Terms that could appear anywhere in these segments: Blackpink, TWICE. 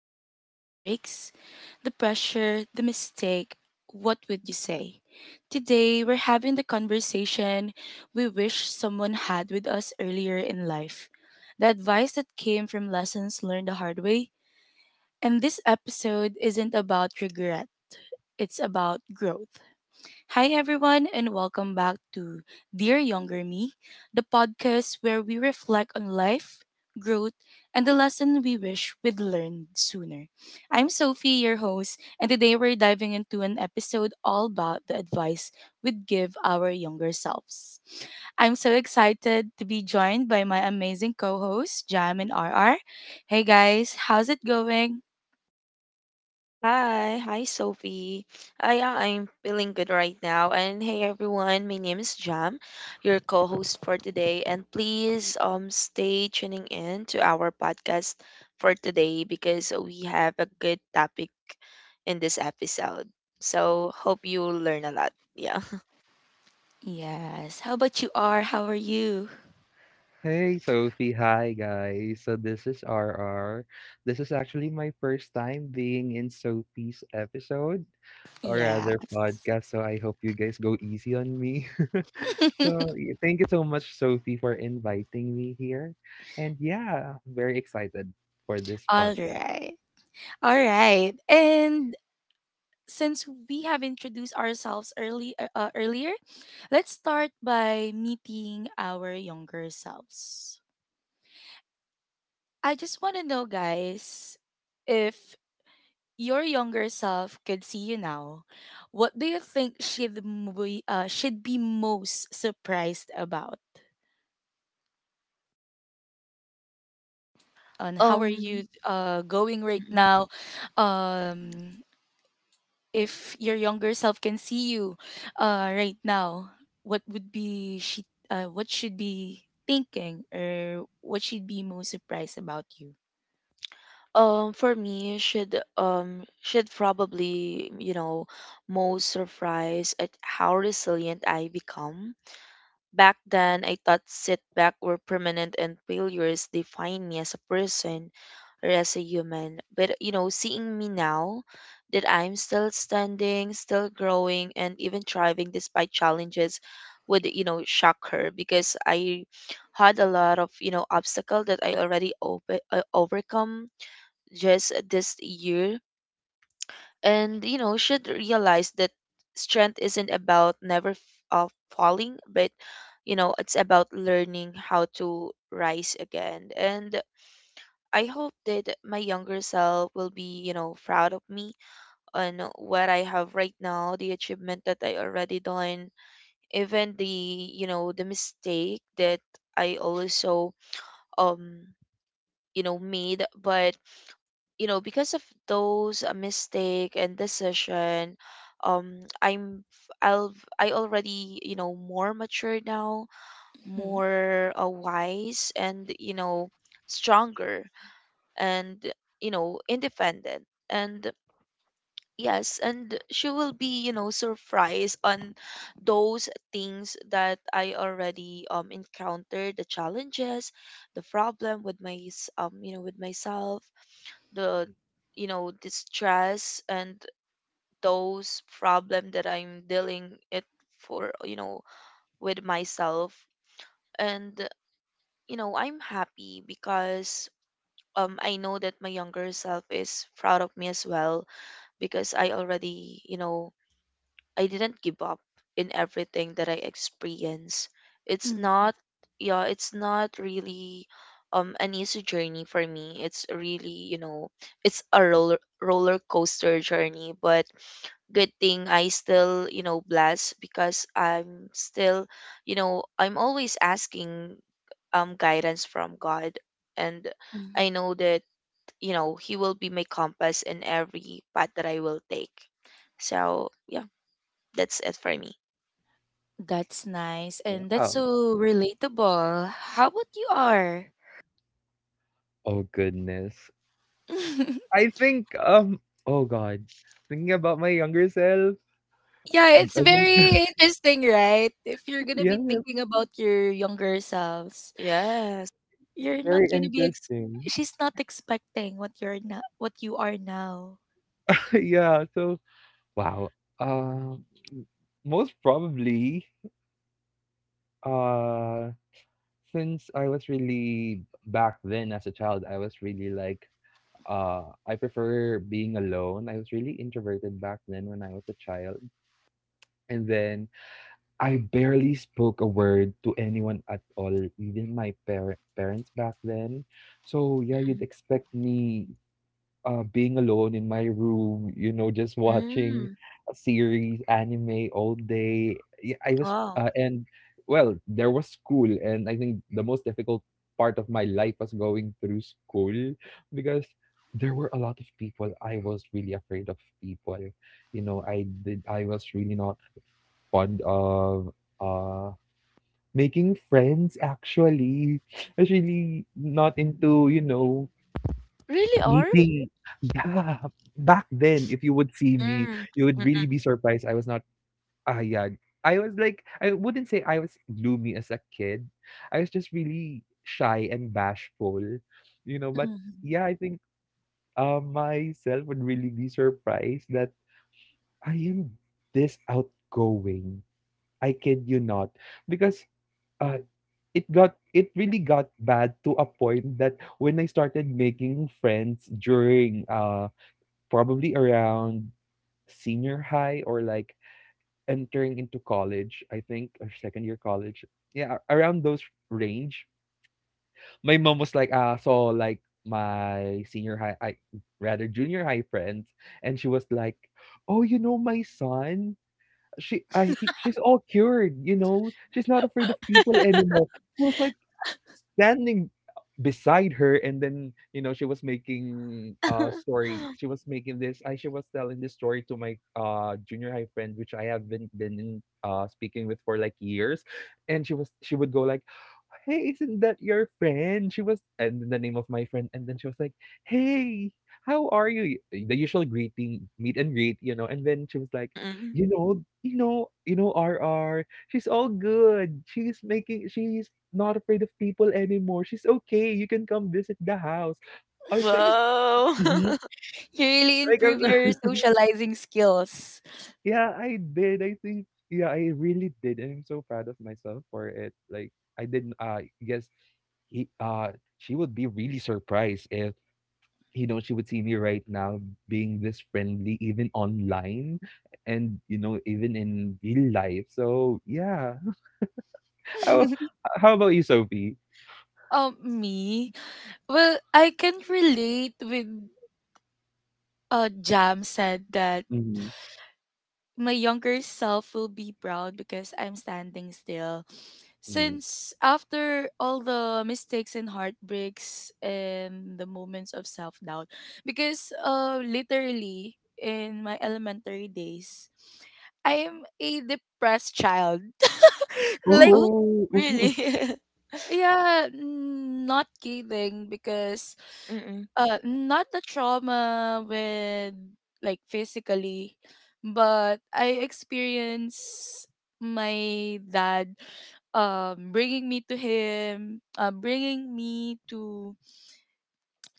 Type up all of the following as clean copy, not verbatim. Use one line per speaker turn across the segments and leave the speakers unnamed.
before the heartbreaks, the pressure, the mistake, what would you say? Today, we're having the conversation we wish someone had with us earlier in life. The advice that came from lessons learned the hard way. And this episode isn't about regret, it's about growth. Hi, everyone, and welcome back to Dear Younger Me, the podcast where we reflect on life, growth, and the lesson we wish we'd learned sooner. I'm Sophie, your host, and today we're diving into an episode all about the advice we'd give our younger selves. I'm so excited to be joined by my amazing co hosts, Jam and RR. Hey, guys, how's it going?
Hi, hi Sophie. I'm feeling good right now. And hey everyone, my name is Jam, your co-host for today. And please stay tuning in to our podcast for today because we have a good topic in this episode. So hope you learn a lot. Yeah.
Yes. How about you, R? How are you?
Hey Sophie, hi guys. So this is RR. This is actually my first time being in Sophie's episode or
Yeah.
rather podcast, so I hope you guys go easy on me. so Thank you so much, Sophie, for inviting me here. And yeah, very excited for this
All
podcast.
right. All right. And since we have introduced ourselves early earlier, let's start by meeting our younger selves. I just want to know guys, if your younger self could see you now, what do you think should be most surprised about? And how are you
Um
going right
mhm.
now? Um, if your younger self can see you right now, what would be she? What should be thinking, or what she'd be most surprised about you?
For me, should probably, you know, most surprised at how resilient I become. Back then, I thought setbacks were permanent and failures define me as a person or as a human. But you know, seeing me now that I'm still standing, still growing, and even thriving despite challenges would, you know, shock her because I had a lot of, you know, obstacle that I already overcome just this year, and you know should realize that strength isn't about never falling but you know it's about learning how to rise again. And I hope that my younger self will be, you know, proud of me on what I have right now, the achievement that I already done, even the, you know, the mistake that I also um you know made. But you know, because of those mistake and decision, um i'm i'll I already, you know, more mature now,
Mhm.
more wise and you know stronger and, you know, independent. And yes, and she will be, you know, surprised on those things that I already encountered: the challenges, the problem with you know with myself, the, you know, the stress, and those problem that I'm dealing it for, you know, with myself. And you know I'm happy because I know that my younger self is proud of me as well because I already, you know, I didn't give up. In everything that I experienced. It's not
Mhm.
yeah, it's not really an easy journey for me. It's really, you know, it's a roller coaster journey, but good thing I still, you know, blessed because I'm still, you know, I'm always asking guidance from God. And I
Mhm.
know that, you know, he will be my compass in every path that I will take. So, yeah. That's it for me.
That's nice, and that's
Wow.
so relatable. How about you are?
Oh goodness. I think. Oh god. Thinking about my younger self.
Yeah,
I
it's
think
very interesting, right? If you're gonna be
yeah,
thinking about your younger selves,
Yes.
you're not
very
gonna be.
interesting.
She's not expecting what you're not, what you are now.
yeah, so wow. Uh, m- Most probably, uh, since I was really back then as a child, I was really like, I prefer being alone. I was really introverted back then when I was a child. And then I barely spoke a word to anyone at all, even my parents back then. So yeah, you'd
Mm-mm.
expect me being alone in my room, you know, just watching
Mm.
a series, anime all day. Yeah, I was,
Wow.
and Well, there was school, and I think the most difficult part of my life was going through school because there were a lot of people. I was really afraid of people. You know, I was really not fond of, uh, making friends actually. I was really not into, you know,
Really are?
meeting, yeah, back then, if you would see me,
Mm.
you would really
Mm-mm.
be surprised I was not. Ah, yeah. I was like, I wouldn't say I was gloomy as a kid. I was just really shy and bashful, you know. But yeah, I think myself would really be surprised that I am this outgoing. I kid you not, because uh, it really got bad to a point that when I started making friends during probably around senior high or like entering into college, I think, or second year college. Yeah, around those range. My mom was like, ah, so like my senior high, I rather junior high friends, and she was like, oh, you know, my son, she's all cured, you know, she's not afraid of people anymore. I was like, standing beside her, and then you know she was making a story, she was making this I she was telling this story to my junior high friend which I have been in, speaking with for like years. And she would go like, "Hey, isn't that your friend?" She was, and then the name of my friend, and then she was like, "Hey, how are you?" The usual greeting, meet and greet, you know. And then she was like,
Mm-mm.
"You know, you know, you know, R R, she's all good. She's not afraid of people anymore. She's okay. You can come visit the house." I was like,
Wow.
"Mhm."
You really
Like, I
improve your
was
socializing skills.
yeah, I did. I think yeah, I really did, and I'm so proud of myself for it. Like, I didn't I guess He she would be really surprised if, you know, she would see me right now being this friendly, even online and, you know, even in real life. So, yeah. How, how about you, Sophie?
Me? Well, I can relate with Jam said that
Mm-hmm.
my younger self will be proud because I'm standing still.
Mm-hmm.
Since after all the mistakes and heartbreaks and the moments of self doubt, because literally in my elementary days, I am a depressed child. Like,
Oh,
Oh.
really?
yeah, not kidding because
Mm-mm.
not the trauma with, like, physically, but I experienced my dad bringing me to,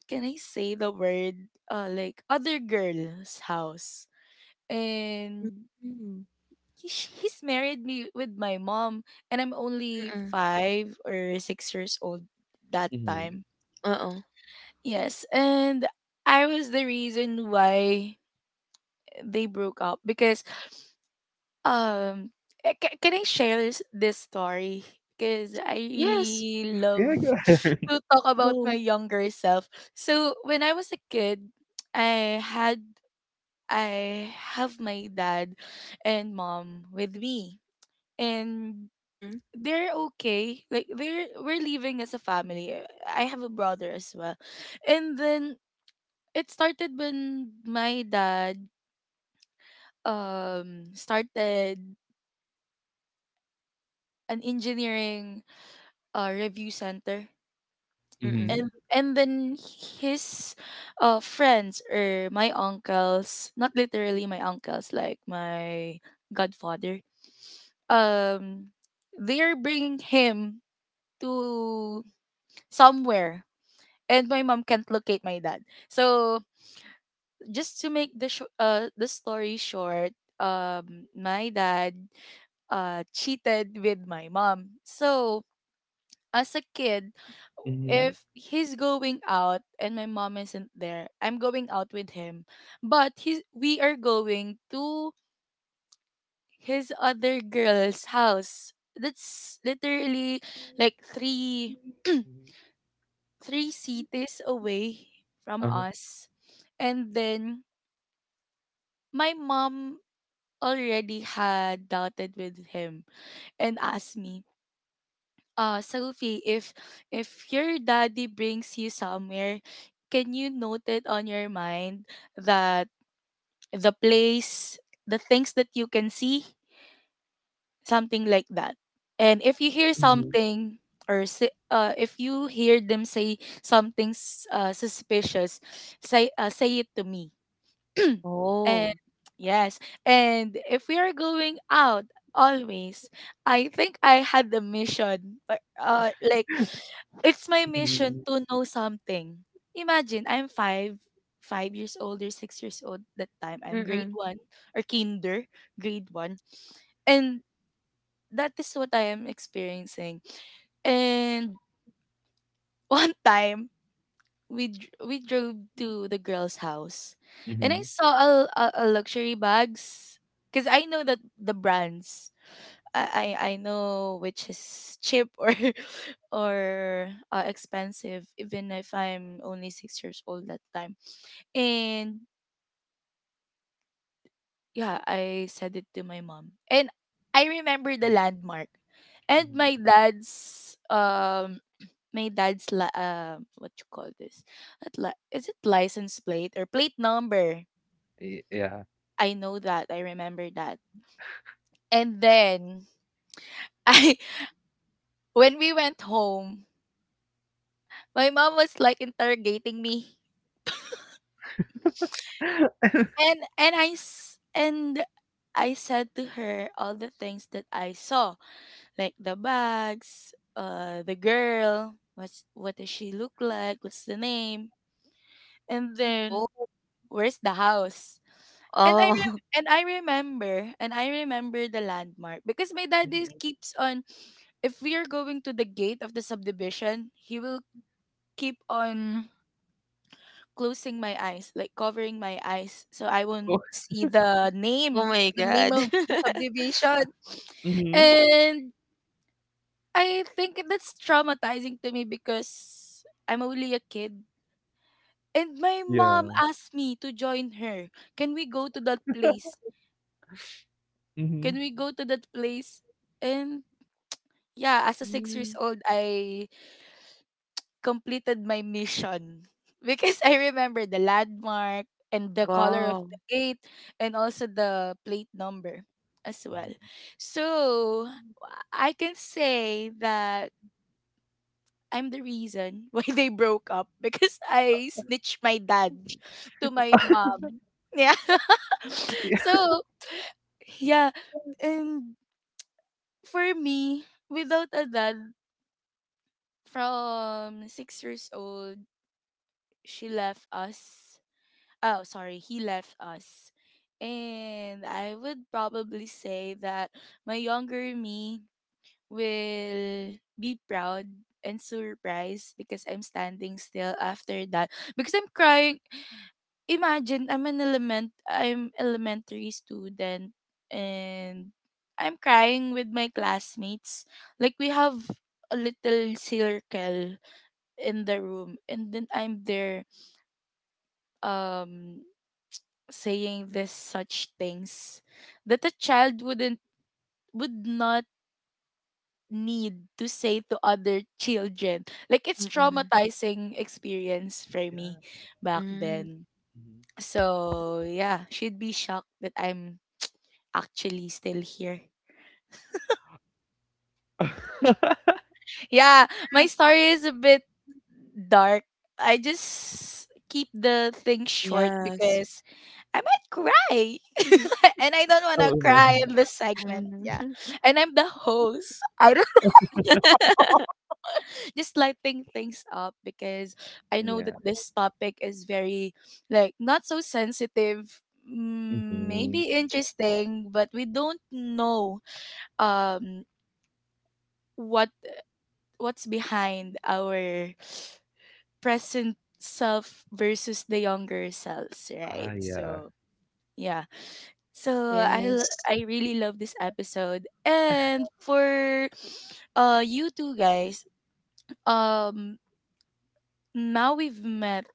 can I say the word, like, other girl's house, and
Mm.
he's married me with my mom, and I'm only
Mm-mm.
5 or 6 years old that
Mm-hmm.
time.
Uh-oh.
Yes, and I was the reason why they broke up, because um can I share this story? Because I
Yes.
really love
Yeah, go ahead.
to talk about my
Go.
younger self. So when I was a kid, I had I have my dad and mom with me, and
Mm-mm.
they're okay. Like, they're we're living as a family. I have a brother as well, and then it started when my dad started an engineering review center.
Mm-hmm.
and
Mm-mm.
and then his friends, or my uncles, not literally my uncles, like my godfather, um they're bringing him to somewhere, and my mom can't locate my dad. So, just to make the story short, my dad cheated with my mom. So, as a kid,
Mm-hmm.
if he's going out and my mom isn't there, I'm going out with him. But we are going to his other girl's house. That's literally like three three cities away from
Uh-huh.
us. And then my mom already had doubted with him, and asked me, Sophie, if your daddy brings you somewhere, can you note it on your mind that the place, the things that you can see, something like that. And if you hear
Mm-hmm.
something, if you hear them say something, suspicious, say it to me.
Oh.
And yes, and if we are going out always, I think I had the mission, but like, it's my mission
Mm-hmm.
to know something. Imagine I'm 5 years old or 6 years old that time. I'm grade
Mm-mm.
one, or kinder, grade one, and that is what I am experiencing. And one time, we drove to the girl's house, and I
Mm-hmm.
saw a luxury bags, cause I know that the brands. I know which is cheap or or expensive, even if I'm only 6 years old that time. And yeah, I said it to my mom. And I remember the landmark. And
Mhm.
my dad's what you call this? Not li- Is it license plate or plate number?
Yeah.
I know that. I remember that. And then I when we went home, my mom was like interrogating me. And I said to her all the things that I saw, like the bags, the girl, what does she look like? What's the name? And
Oh.
then, where's the house? And I
Oh.
re- and I remember and I remember the landmark, because my daddy
Mhm.
keeps on, if we are going to the gate of the subdivision, he will keep on closing my eyes, like covering my eyes, so I won't
Oh,
see the
Oh
name,
my
the name
God.
of the subdivision.
mhm.
And I think that's traumatizing to me because I'm only a kid. And my mom
Yeah.
asked me to join her. Can we go to that place? Can
Mhm.
we go to that place? And yeah, as a 6 years
Mm.
old, I completed my mission because I remember the landmark, and the color of
Wow.
the gate, and also the plate number as well.
Mhm.
So, I can say that I'm the reason why they broke up, because I snitched my dad to my mom. Yeah.
Yeah.
So, yeah. And for me, without a dad from 6 years old, she left us. Oh, sorry. He left us. And I would probably say that my younger me will be proud and surprised because I'm standing still after that, because I'm crying. Imagine I'm an element I'm elementary student, and I'm crying with my classmates. Like, we have a little circle in the room, and then I'm there, um saying this such things that a child would not need to say to other children. Like, it's
Mm-mm.
traumatizing experience for
Yeah.
me back
Mm.
then. So yeah, she'd be shocked that I'm actually still here. Yeah, my story is a bit dark. I just keep the thing short
Yes.
because I might cry. And I don't want to
Oo naman.
cry in this segment.
Mm.
Yeah. And I'm the host. I don't. Just lighting things up, because I know
Yeah,
that this topic is very, like, not so sensitive.
mhm.
Maybe interesting, but we don't know um what what's behind our present self versus the younger selves,
Ah,
right?
yeah,
So, yeah. So I l-
Yes.
I really love this episode. And for you two guys, um now we've met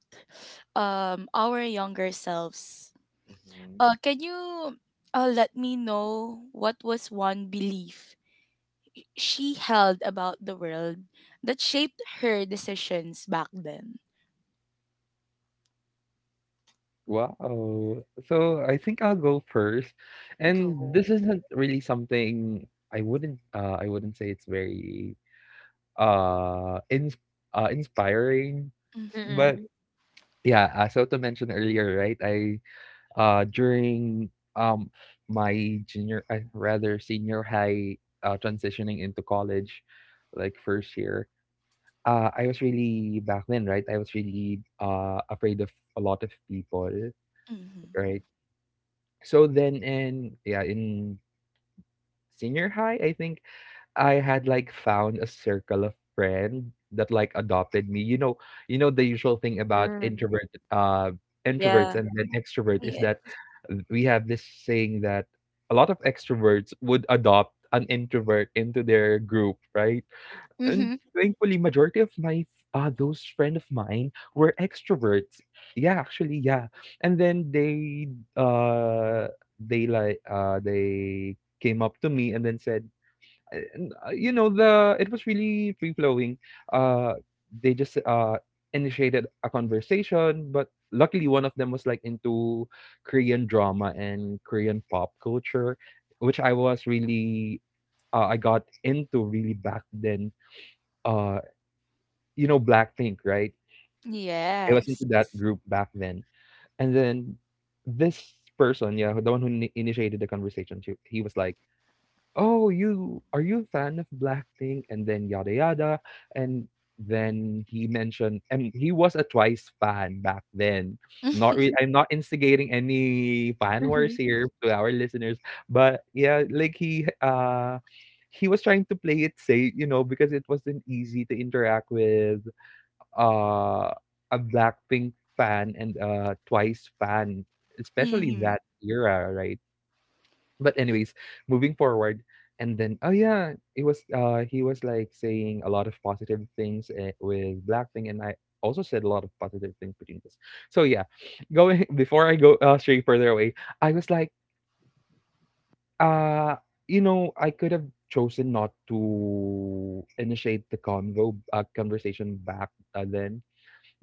our younger selves.
mhm.
Can you let me know, what was one belief she held about the world that shaped her decisions back then?
Wow. So, I think I'll go first, and
Go.
this isn't really something I wouldn't say it's very, uh, ins inspiring, mhm.
Mhm.
But
Mm.
yeah, as so mentioned earlier, right, uh, during, um, my rather senior high, transitioning into college, like, first year. I was really back then, right? I was really afraid of a lot of people, right? So then in yeah, in senior high, I think I had like found a circle of friends that like adopted me. You know the usual thing about
Mm.
introverts
Yeah.
and then extrovert is
Mhm.
that we have this saying that a lot of extroverts would adopt an introvert into their group, right? And
Mm-hmm.
thankfully, majority of my those friend of mine were extroverts. Yeah, actually, yeah. And then uh they came up to me and then said, you know, the it was really free flowing. Uh, they just initiated a conversation, but luckily one of them was like into Korean drama and Korean pop culture, which I was really I got into really back then, uh you know, Blackpink, right? I was
Yes.
into that group back then. And then this person, yeah, the one who initiated the conversation, she he was like, "Oh, you are you a fan of Blackpink?" And then yada yada. And and he was a Twice fan back then. Not really, I'm not instigating any fan wars
Mhm.
here to our listeners, but yeah, like he was trying to play it safe, you know, because it wasn't easy to interact with uh, a Blackpink fan and a Twice fan, especially
Mm-hmm.
that era, right? But anyways, moving forward, and then oh yeah, it was he was like saying a lot of positive things eh, with Blackpink, and I also said a lot of positive things between us. So yeah, going before I go straight further away, I was like uh you know I could have chosen not to initiate the convo conversation back then,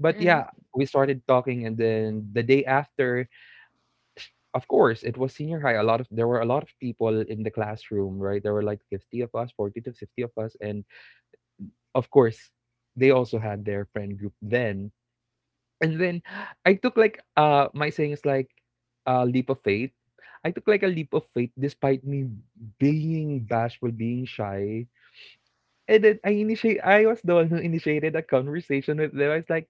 but yeah, we started talking, and then the day after, of course, it was senior high. A lot of there were a lot of people in the classroom, right? There were like 50 of us, 40 to 50 of us, and of course, they also had their friend group then. And then I took like my saying is like a leap of faith. I took like a leap of faith despite me being bashful, being shy. And then I initiate I was the one who initiated a conversation with them. I was like,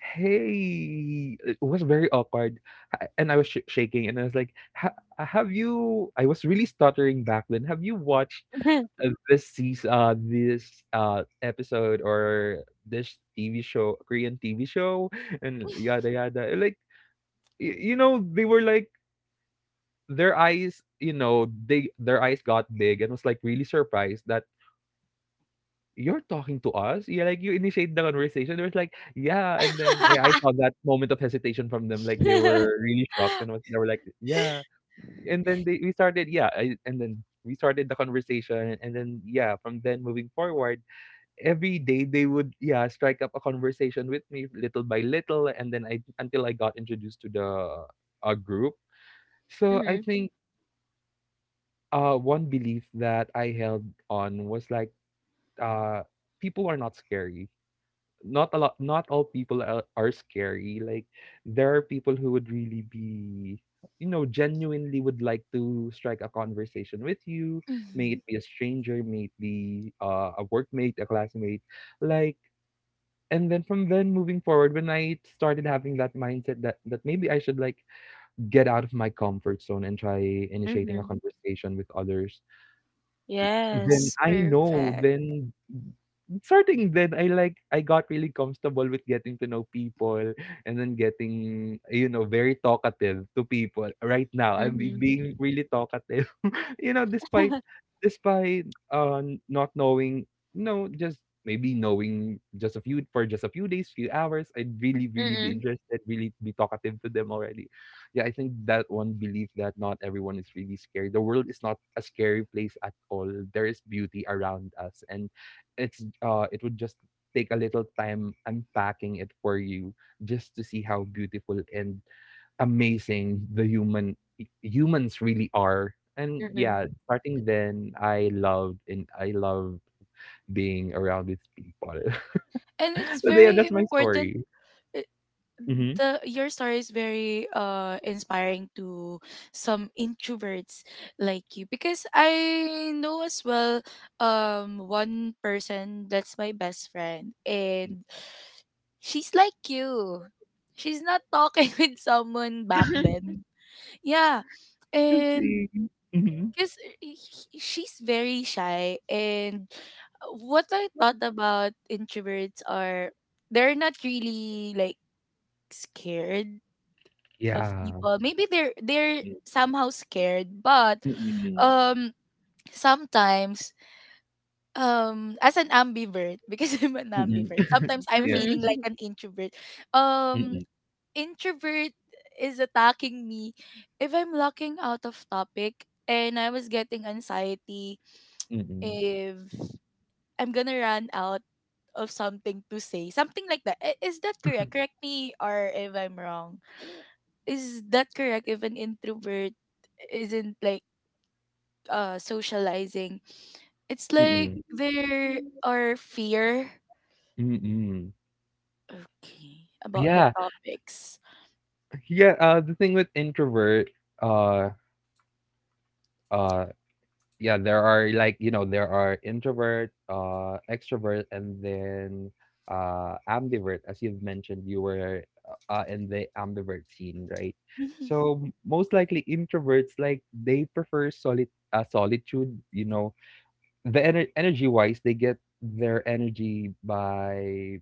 "Hey," it was very awkward, a and I was sh shaking, and I was like, "Ha have you," I was really stuttering back then. "Have you watched,
Mhm.
uh, episode or this TV show, Korean TV show?" And yada, yada. Like, y you know, they were like their eyes, you know, they their eyes got big and was, like, really surprised that "You're talking to us? Yeah, like, you initiate the conversation?" They was like, "Yeah," and then, yeah, I saw that moment of hesitation from them, like, they were really shocked and was they were like, "Yeah," and then they we started, yeah, I and then we started the conversation, and then, yeah, from then moving forward, every day they would, yeah, strike up a conversation with me little by little, and then I until I got introduced to the, group. So, I think, one belief that I held on was like, uh, people are not scary. Not a lot not all people are scary, like there are people who would really be, you know, genuinely would like to strike a conversation with you, may
Mhm.
it be a stranger, may it be a workmate, a classmate, like. And then from then moving forward, when I started having that mindset that that maybe I should like get out of my comfort zone and try initiating a
Mhm.
conversation with others, then
Yes.
I know,
Perfect.
then starting then I got really comfortable with getting to know people and then getting, you know, very talkative to people. Right now, I'm be
Mhm.
being really talkative. You know, despite despite, not knowing, no, just maybe knowing just a few, for just a few days, few hours, I'd really, really be
Mm.
interested, really be talkative to them already. Yeah, I think that one belief that not everyone is really scary. The world is not a scary place at all. There is beauty around us, and it would just take a little time unpacking it for you just to see how beautiful and amazing the humans really are. And
Mm.
yeah, starting then I loved and I love being around with people.
And it's
so yeah,
very
that's my
important.
story.
Uh,
Mm-hmm.
The Your story is very inspiring to some introverts like you, because I know as well, one person that's my best friend, and she's like you. She's not talking with someone back
Mhm.
then. Yeah.
Let's
And
see. Mm-hmm.
because she's very shy. And what I thought about introverts are, they're not really, like, scared of
Yeah.
people. Maybe they're somehow scared, but
Mm-mm.
um sometimes, as an ambivert, because I'm an
Mm-mm.
ambivert, sometimes I'm
Yeah.
feeling like an introvert. Um
Mm-mm.
Introvert is attacking me if I'm locking out of topic, and I was getting anxiety
Mm-mm.
if I'm gonna run out of something to say, something like that. Is that correct? Correct me or if I'm wrong. Is that correct? If an introvert isn't like socializing, it's like
Mm-mm.
there are fear.
Mm-mm.
Okay, about the
Yeah.
topics.
Yeah. The thing with introvert, uh, uh, yeah, there are like, you know, there are introvert, extrovert, and then ambivert. As you've mentioned, you were in the ambivert scene, right?
Mhm.
So most likely introverts, like they prefer solid solitude, you know, the energy wise, they get their energy by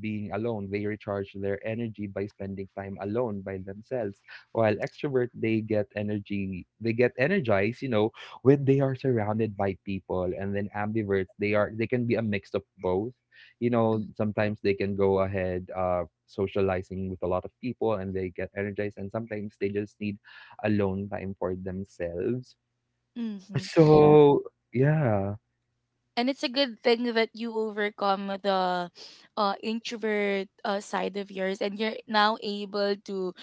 being alone. They recharge their energy by spending time alone by themselves. While extrovert, they get energy, they get energized, you know, when they are surrounded by people. And then ambiverts, they can be a mix of both. You know, sometimes they can go ahead socializing with a lot of people and they get energized, and sometimes they just need alone time for themselves.
Mm-hmm.
So yeah.
And it's a good thing that you overcome the introvert side of yours, and you're now able to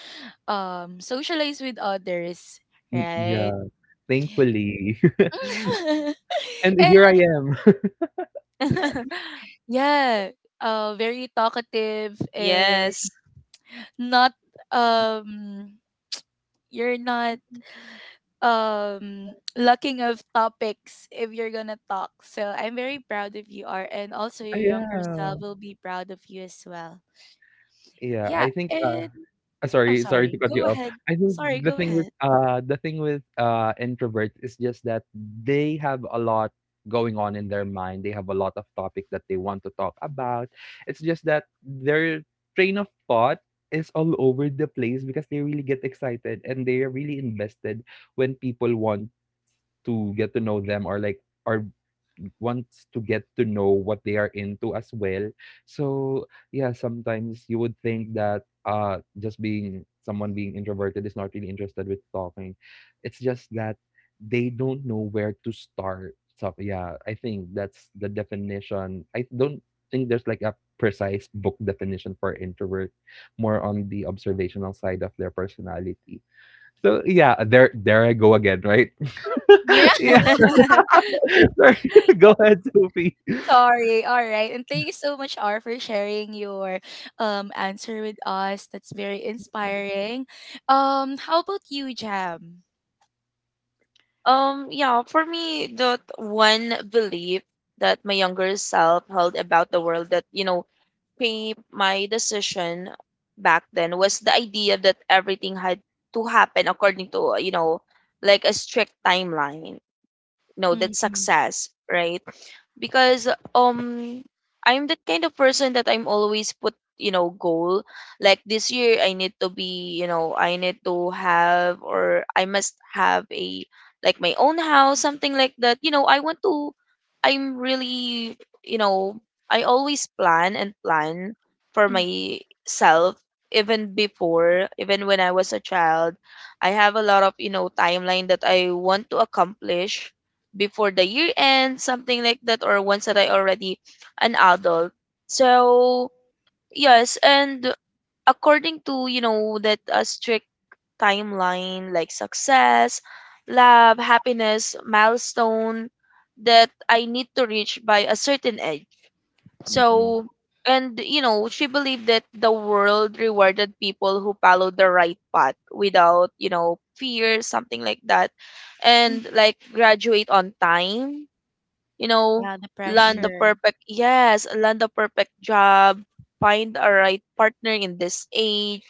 socialize with others, right?
Yeah. Thankfully. And
And
here I am.
yes. Yeah, very talkative, and
Yes.
not, um you're not lacking of topics if you're gonna talk. So, I'm very proud of you are, and also
Ah,
your younger
yeah.
self will be proud of you as well.
Yeah,
Yeah,
I think, uh
and oh,
sorry to
sorry,
cut you
go
off.
ahead.
I think
Sorry, go ahead.
the thing with, introverts is just that they have a lot going on in their mind. They have a lot of topic that they want to talk about. It's just that their train of thought is all over the place, because they really get excited and they are really invested when people want to get to know them, or like or wants to get to know what they are into as well. So yeah, sometimes you would think that just being someone being introverted is not really interested with talking. It's just that they don't know where to start. So yeah, I think that's the definition. I don't think there's like a precise book definition for introvert, more on the observational side of their personality. So yeah, there I go again, right? Sorry. Go ahead, Sophie.
Sorry. All right. And thank you so much, R, for sharing your answer with us. That's very inspiring. How about you, Jam?
Yeah, for me, that one belief that my younger self held about the world that, you know, shaped my decision back then was the idea that everything had to happen according to, you know, like a strict timeline. No, that's
Mm-hmm.
success, right? Because um I'm the kind of person that I'm always put, you know, goal like this year I need to be, you know, I need to have or I must have a like my own house, something like that. You know, I want to, I'm really, you know, I always plan and plan for
Mm.
myself, even before, even when I was a child. I have a lot of, you know, timeline that I want to accomplish before the year end, something like that, or once that I already an adult. So yes, and according to, you know, that a strict timeline like success, love, happiness, milestone that I need to reach by a certain age.
Mm-mm,
So and you know she believed that the world rewarded people who followed the right path without, you know, fear, something like that,
Mm.
and like graduate on time, you know,
Yeah, the
land
mm-mm,
the
pressure.
perfect, yes, land the perfect job, find a right partner in this age,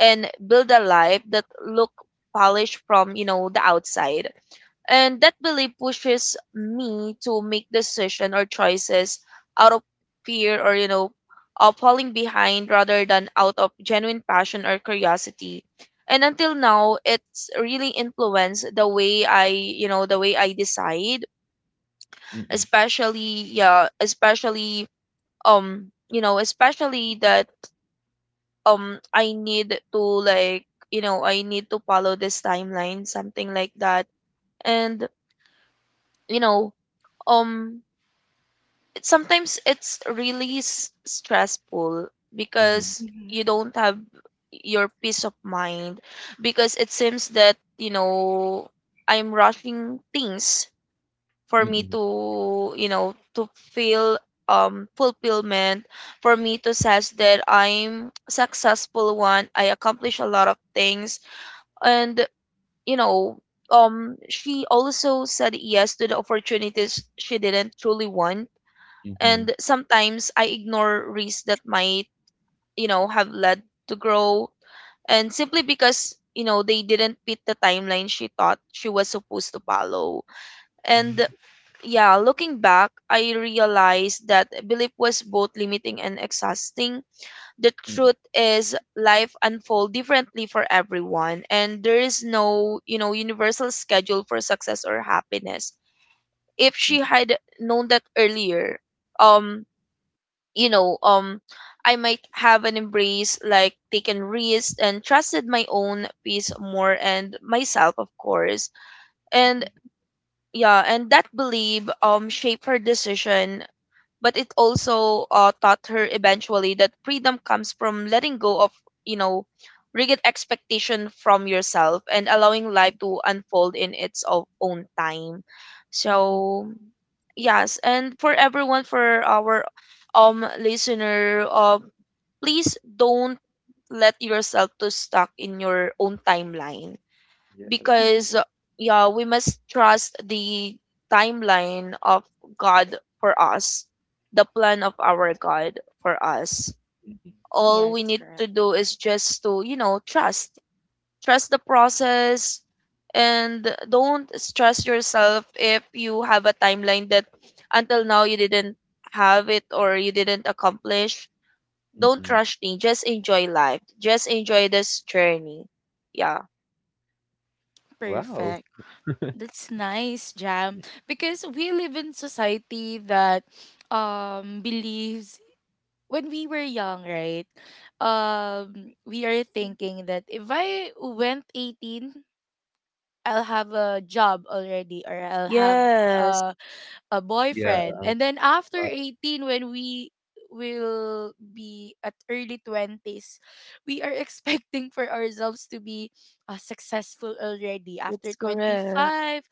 and build a life that look polished from, you know, the outside. And that belief pushes me to make decision or choices out of fear or, you know, of falling behind rather than out of genuine passion or curiosity. And until now, it's really influenced the way I, you know, the way I decide.
mm-mm,
Especially yeah, especially you know, especially that I need to like, you know, I need to follow this timeline, something like that. And you know um sometimes it's really stressful
mhm,
because
Mm-hmm.
you don't have your peace of mind, because it seems that you know I'm rushing things for me
mm-mm,
to, you know, to feel fulfillment, for me to says that I'm successful one I accomplish a lot of things. And you know she also said yes to the opportunities she didn't truly want,
mhm,
and sometimes I ignore risks that might, you know, have led to grow, and simply because, you know, they didn't fit the timeline she thought she was supposed to follow.
mhm,
And yeah, looking back, I realized that belief was both limiting and exhausting. The
mm-mm,
truth is life unfolds differently for everyone, and there is no, you know, universal schedule for success or happiness. If she
mm-mm,
had known that earlier, um, you know, um I might have an embrace like taken risks and trusted my own peace more and myself, of course. And yeah, and that belief shaped her decision, but it also taught her eventually that freedom comes from letting go of, you know, rigid expectation from yourself and allowing life to unfold in own time.
mm-mm.
So yes, and for everyone, for our listener, please don't let yourself to stuck in your own timeline,
Yes.
because
Mm-hmm.
yeah we must trust the timeline of god for us, the plan of our god for us.
Mm-mm,
All
Yes,
we need
correct.
to do is just to, you know, trust, trust the process, and don't stress yourself if you have a timeline that until now you didn't have it or you didn't accomplish. Don't
mm-mm.
rush things. Just enjoy life, just enjoy this journey. Yeah.
Wow.
Perfect. That's nice, Jam. Because we live in society that believes when we were young, right? We are thinking that if I went 18, I'll have a job already, or I'll have
Yes.
uh a
Yeah.
boyfriend. And then after
Wow.
18, when we will be at early 20s, we are expecting for ourselves to be successful already after
It's correct.
25.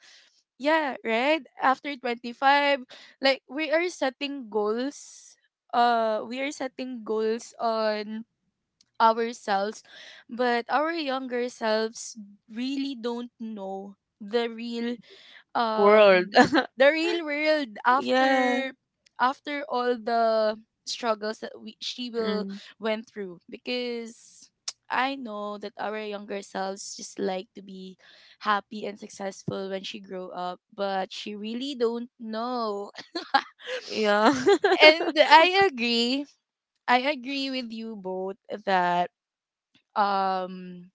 Yeah, right? After 25, like, we are setting goals. We are setting goals on ourselves, but our younger selves really don't know
World.
um the real world
Yeah.
after all the struggles that we she will
Mm-mm.
went through because I know that our younger selves just like to be happy and successful when she grow up, but she really don't know.
Yeah.
And I agree. I agree with you both that um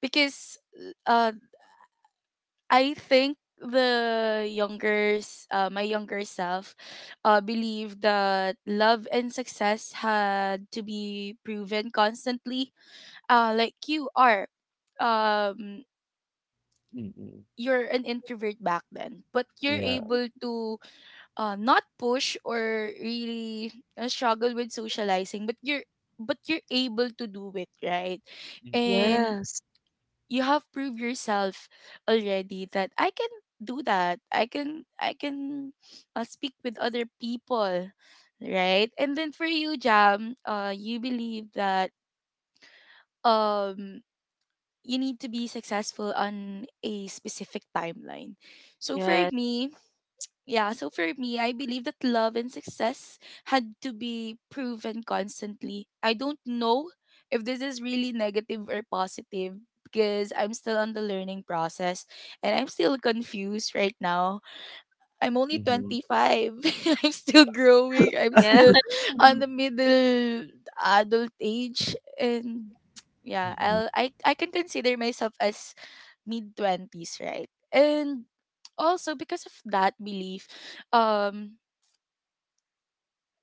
because uh I think my younger self believed that love and success had to be proven constantly, like you are, um
Mm-mm.
you're an introvert back then, but you're
Yeah.
able to not push or really struggle with socializing, but you're able to do it, right?
Mm-mm, yeah.
And
Yes.
you have proved yourself already that I can do that. I can speak with other people, right? And then for you, Jam, you believe that um you need to be successful on a specific timeline. So for
Yes.
me, yeah, so for me, I believe that love and success had to be proven constantly. I don't know if this is really negative or positive because I'm still on the learning process and I'm still confused right now. I'm only
Mm-hmm.
25. I'm still growing. I'm
Yeah.
still on the middle adult age, and yeah,
Mm-mm.
I can consider myself as mid 20s, right? And also because of that belief, um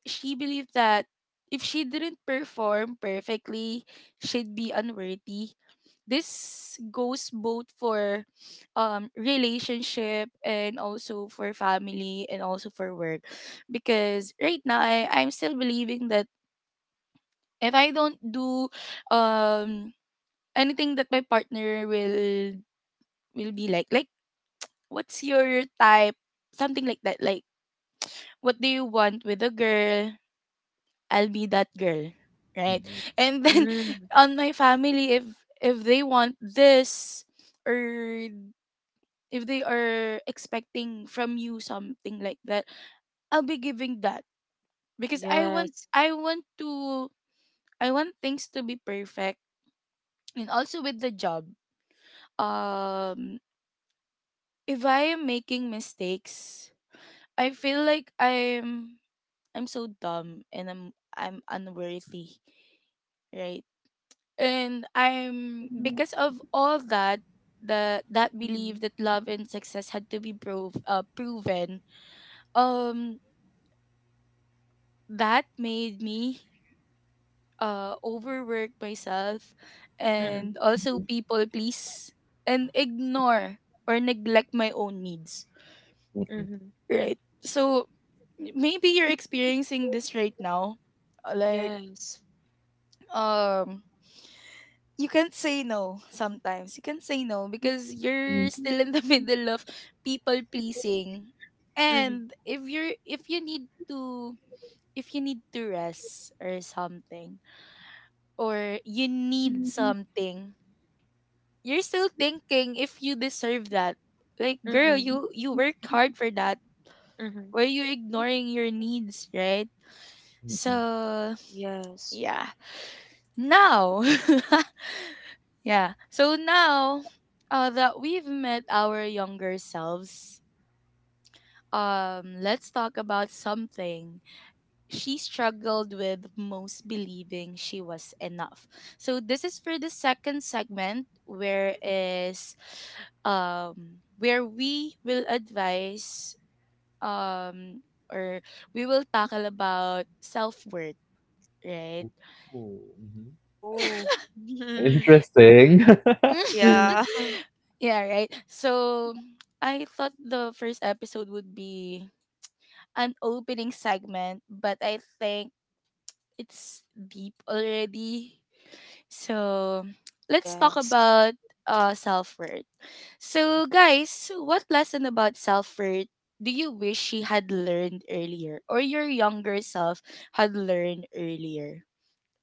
she believed that if she didn't perform perfectly, she'd be unworthy. This goes both for relationship and also for family and also for work. Because right now, I'm still believing that if I don't do, um, anything that my partner will, be like, what's your type? Something like that. Like, what do you want with a girl? I'll be that girl, right?
Mm-mm.
And then
Mm.
on my family, if they want this or if they are expecting from you something like that, I'll be giving that because I want
Yes.
I want to I want things to be perfect, and also with the job. Um, if I am making mistakes, I feel like I'm so dumb, and I'm unworthy, right? And I'm, because of all that, the that
Mm-hmm.
belief that love and success had to be proven, um that made me overwork myself and
Mm-mm.
also people please and ignore or neglect my own needs,
Mm-hmm.
right? So maybe you're experiencing this right now, like,
Yes.
um you can't say no sometimes. You can not say no because you're
Mm-mm.
still in the middle of people pleasing.
Mm-hmm.
And if you need to, if you need to rest or something, or you need something, you're still thinking if you deserve that. Like, girl,
Mm-mm.
you worked hard for that.
Mm-hmm.
Were you ignoring your needs, right?
Mm-mm.
So
Yes.
yeah. Now Yeah. So now, that we've met our younger selves, let's talk about something she struggled with most: believing she was enough. So this is for the second segment where is, where we will advise, um or we will tackle about self-worth, right?
Ooh, mhm.
Oh.
Interesting.
Yeah.
Yeah, right. So I thought the first episode would be an opening segment, but I think it's deep already. So let's talk
Yes.
about self worth. So guys, what lesson about self worth do you wish she had learned earlier, or your younger self had learned earlier?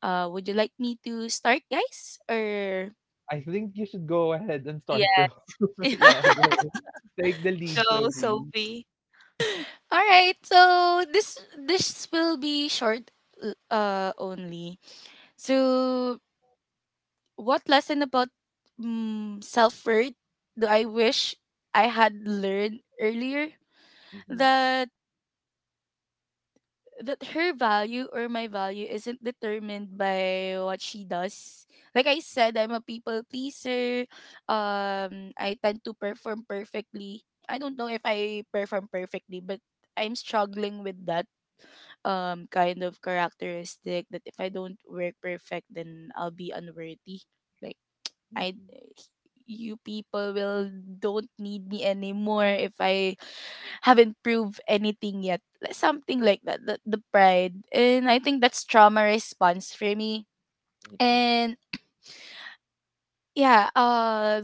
Would you like me to start, guys, or
I think you should go ahead and
Yeah.
start, so yeah, go. Take the
Yeah.
lead,
Go,
Sophie.
Sophie.
All right. So this will be short, only. So what lesson about self-worth do I wish I had learned earlier?
Mhm,
That her value, or my value, isn't determined by what she does. Like I said, I'm a people pleaser. I tend to perform perfectly. I don't know if I perform perfectly, but I'm struggling with that kind of characteristic that if I don't work perfect, then I'll be unworthy. Like, I, you people will don't need me anymore if I haven't proved anything yet. Like, something like that. The pride. And I think that's trauma response for me. And yeah,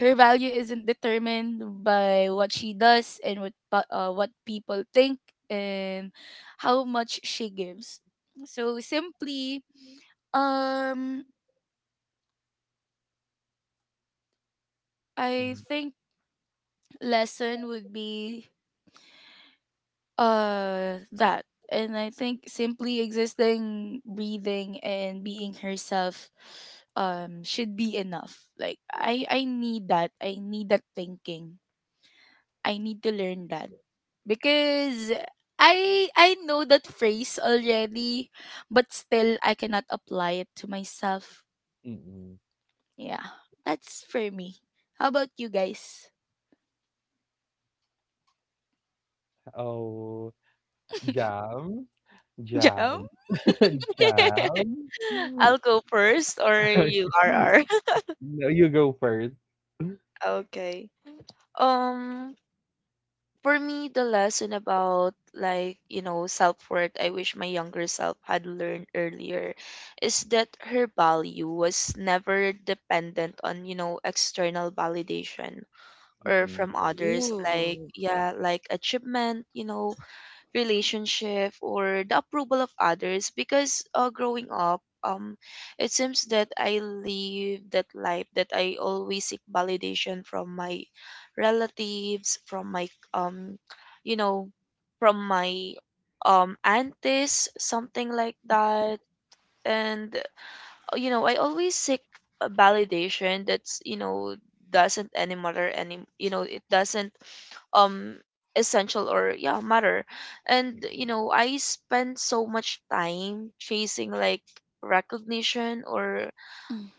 her value isn't determined by what she does and what what people think, and how much she gives. So simply, um I
mhm,
think lesson would be that. And I think simply existing, breathing and being herself, should be enough. Like, I need that. I need that thinking. I need to learn that.
yeah,
Because I know that phrase already, but still I cannot apply it to myself.
mm.
Yeah, that's for me. How about you guys?
Oh, Jam?
Jam.
Jam, Jam?
I'll go first or you, RR.
No, you go first.
Okay. Um, for me the lesson about, like, you know, self-worth I wish my younger self had learned earlier is that her value was never dependent on, you know, external validation or
Mhm,
from others, like
Ooh.
yeah, like achievement, you know, relationship or the approval of others. Because growing up, it seems that I live that life that I always seek validation from my relatives, from my um you know, from my aunties, something like that. And you know, I always seek a validation that's, you know, doesn't any matter, any, you know, it doesn't um essential, or yeah, matter. And you know, I spend so much time chasing like recognition or,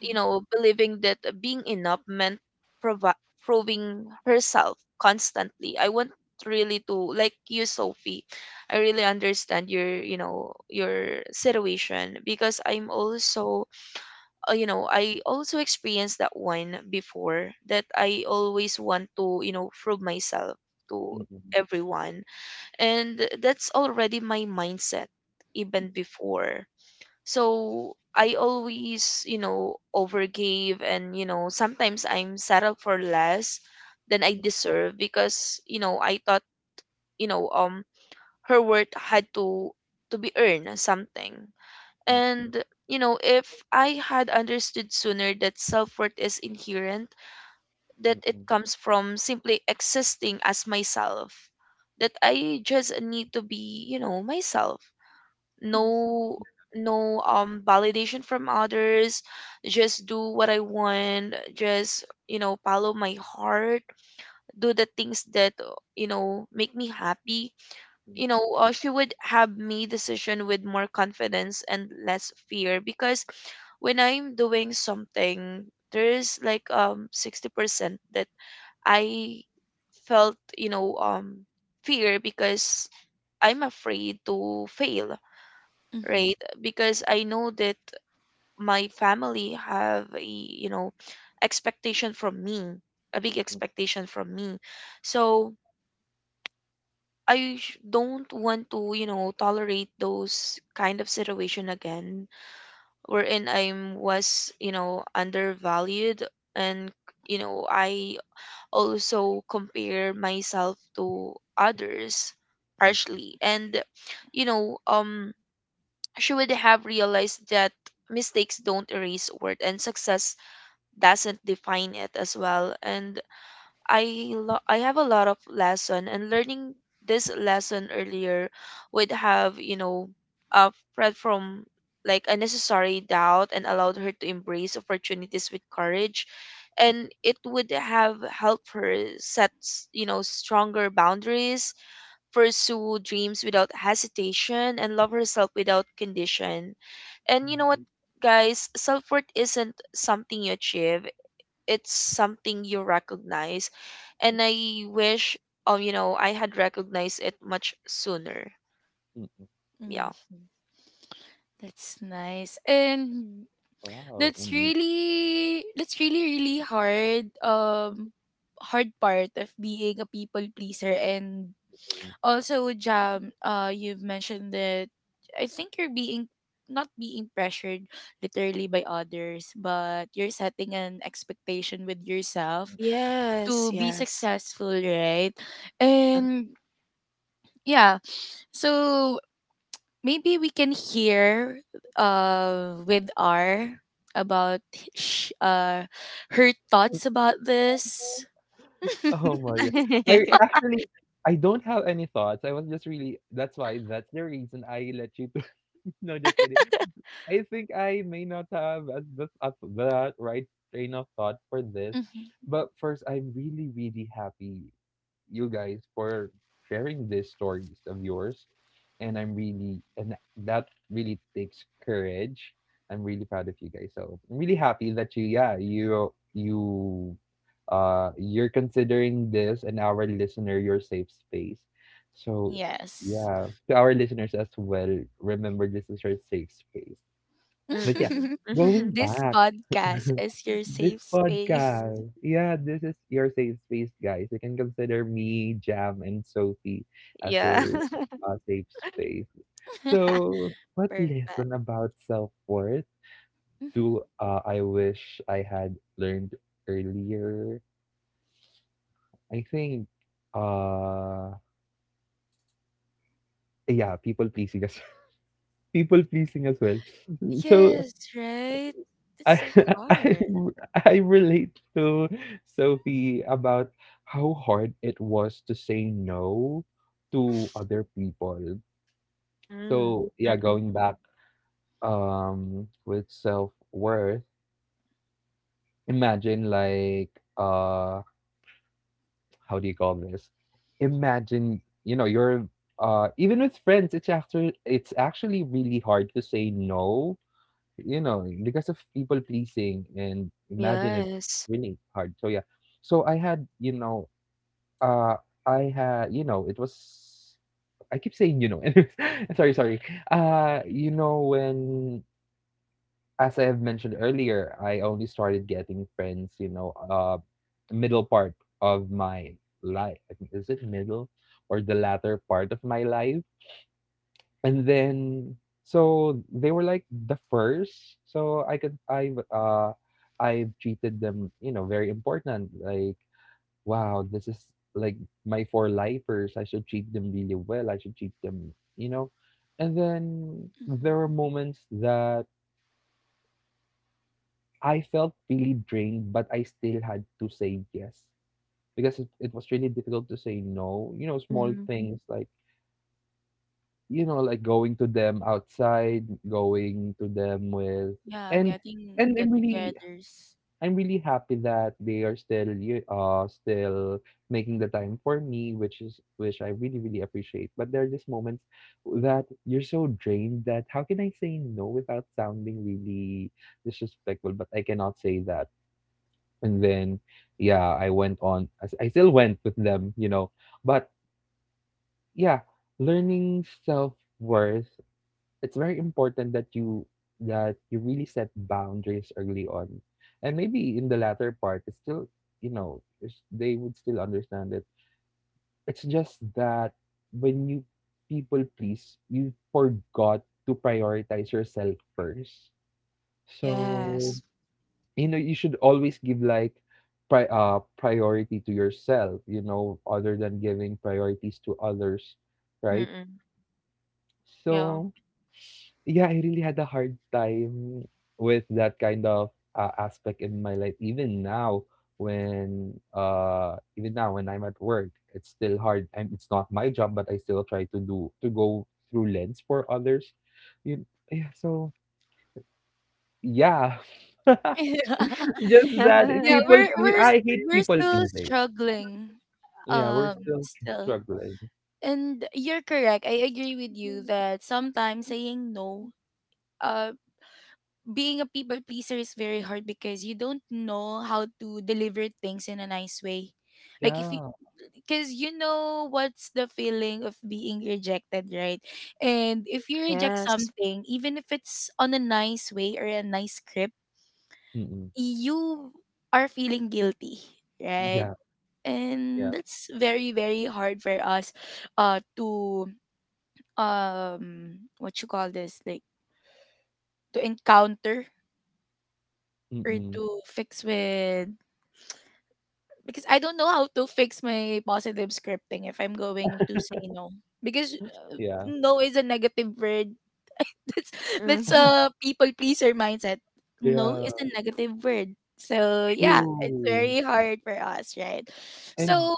you know, believing that being enough meant provi- proving herself constantly. I want really to like you Sophie, I really understand your, you know, your situation, because I'm also you know, I also experienced that one before, that I always want to, you know, prove myself to
mm, mm,
everyone. And that's already my mindset even before. So I always, you know, overgave, and you know sometimes I'm settled for less than I deserve because, you know, I thought, you know, her worth had to be earned, something.
mm,
And, you know, if I had understood sooner that self worth is inherent, that it
mm,
comes from simply existing as myself, that I just need to be, you know, myself. No, no validation from others, just do what I want, just, you know, follow my heart, do the things that you know make me happy. You know she would have made decision with more confidence and less fear, because when I'm doing something, there's like 60% that I felt, you know, fear because I'm afraid to fail, right? Because I know that my family have a, you know, expectation from me, a big expectation from me. So don't want to, you know, tolerate those kind of situation again wherein I was, you know, undervalued, and you know, I also compare myself to others
mm,
harshly. And you know, she would have realized that mistakes don't erase worth and success doesn't define it as well. And I have a lot of lesson and learning. This lesson earlier would have, you know, Fred from like unnecessary doubt and allowed her to embrace opportunities with courage, and it would have helped her set you know stronger boundaries, pursue dreams without hesitation, and love herself without condition. And you know what
mm.
guys, self-worth isn't something you achieve, it's something you recognize. And I wish you know I had recognized it much sooner.
Mm,
Yeah.
Mm-hmm. That's nice. And
wow,
that's
mm,
really, that's really really hard, hard part of being a people pleaser. And
mm.
also, Jam, you've mentioned that I think you're being, not being, pressured literally by others, but you're setting an expectation with yourself
Yes.
to be
Yes.
successful, right?
Yeah.
And yeah, so maybe we can hear with R about sh- uh her thoughts about this.
Oh my god. I actually, I don't have any thoughts. I was just really that's why that's the reason I let you to no, just kidding. I think I may not have at the at that right train of thought for this.
Mhm.
But first, I'm really, really happy you guys for sharing these stories of yours. And I'm really, and that really takes courage. I'm really proud of you guys. So I'm really happy that you're considering this and our listener your safe space. So
Yes.
yeah, to our listeners as well, remember this is your safe space. But yeah,
Mm-mm.
going
This
back,
podcast is your
this
safe space.
podcast. Yeah, this is your safe space, guys. You can consider me, Jam, and Sophie as
Yeah.
your safe space. So, what
Perfect.
lesson about self worth
Mhm.
do I wish I had learned earlier? I think, uh, yeah, people pleasing as people pleasing as well. So
Yes, right? It's
I
so
I
hard.
I relate to Sophie about how hard it was to say no to other people.
Mm.
So yeah,
Mm-mm.
going back with self worth, imagine like uh how do you call this? Imagine you know you're even with friends, it's actually really hard to say no, you know, because of people pleasing, and imagine it's
Yes.
really hard. So yeah. So I had, you know, uh I had, you know, it was I keep saying, you know, anyways. Sorry, sorry. You know, when as I have mentioned earlier, I only started getting friends, you know, middle part of my life. Is it middle or the latter part of my life? And then so they were like the first, so I could I treated them you know very important, like wow, this is like my four lifers. I should treat them really well. I should treat them, you know. And then
Hmm.
there were moments that I felt really drained but I still had to say yes, because it was really difficult to say no, you know, small
Mm-hmm.
things like you know, like going to them outside, going to them with.
Yeah,
and
getting
and I'm really,
get-togethers.
I'm really happy that they are still y- still making the time for me, which is which I really really appreciate. But there are just moments that you're so drained that how can I say no without sounding really disrespectful? But I cannot say that. And then yeah, I went on. I still went with them, you know. But yeah, learning self worth, it's very important that you really set boundaries early on, and maybe in the latter part it's still, you know, it's- they would still understand it. It's just that when you people please, you forgot to prioritize yourself first. So
Yes.
you know you should always give like priority to yourself, you know, other than giving priorities to others, right?
Mm-mm. Yeah.
So, yeah, I really had a hard time with that kind of aspect in my life. Even now when I'm at work, it's still hard. And it's not my job, but I still try to do to go through lens for others. You, yeah. So yeah, just that
Yeah, we're we're s-
I hate
we're
people
still
pleasing.
struggling.
Yeah, we're still
Still.
struggling.
And you're correct. I agree with you that sometimes saying no, uh, being a people pleaser is very hard because you don't know how to deliver things in a nice way. Like, if you,
Yeah.
because you know what's the feeling of being rejected, right? And if you reject
Yes.
something, even if it's on a nice way or a nice script,
Mm-mm.
you are feeling guilty, right?
Yeah.
And
Yeah.
that's very, very hard for us to, what you call this, like, to encounter or
Mm-mm.
to fix with, because I don't know how to fix my positive scripting if I'm going to say no. Because uh,
Yeah.
no is a negative word. That's that's
Mm-mm.
a people pleaser mindset. No
Yeah.
is a negative word. So yeah, it's
True.
very hard for us, right?
And
So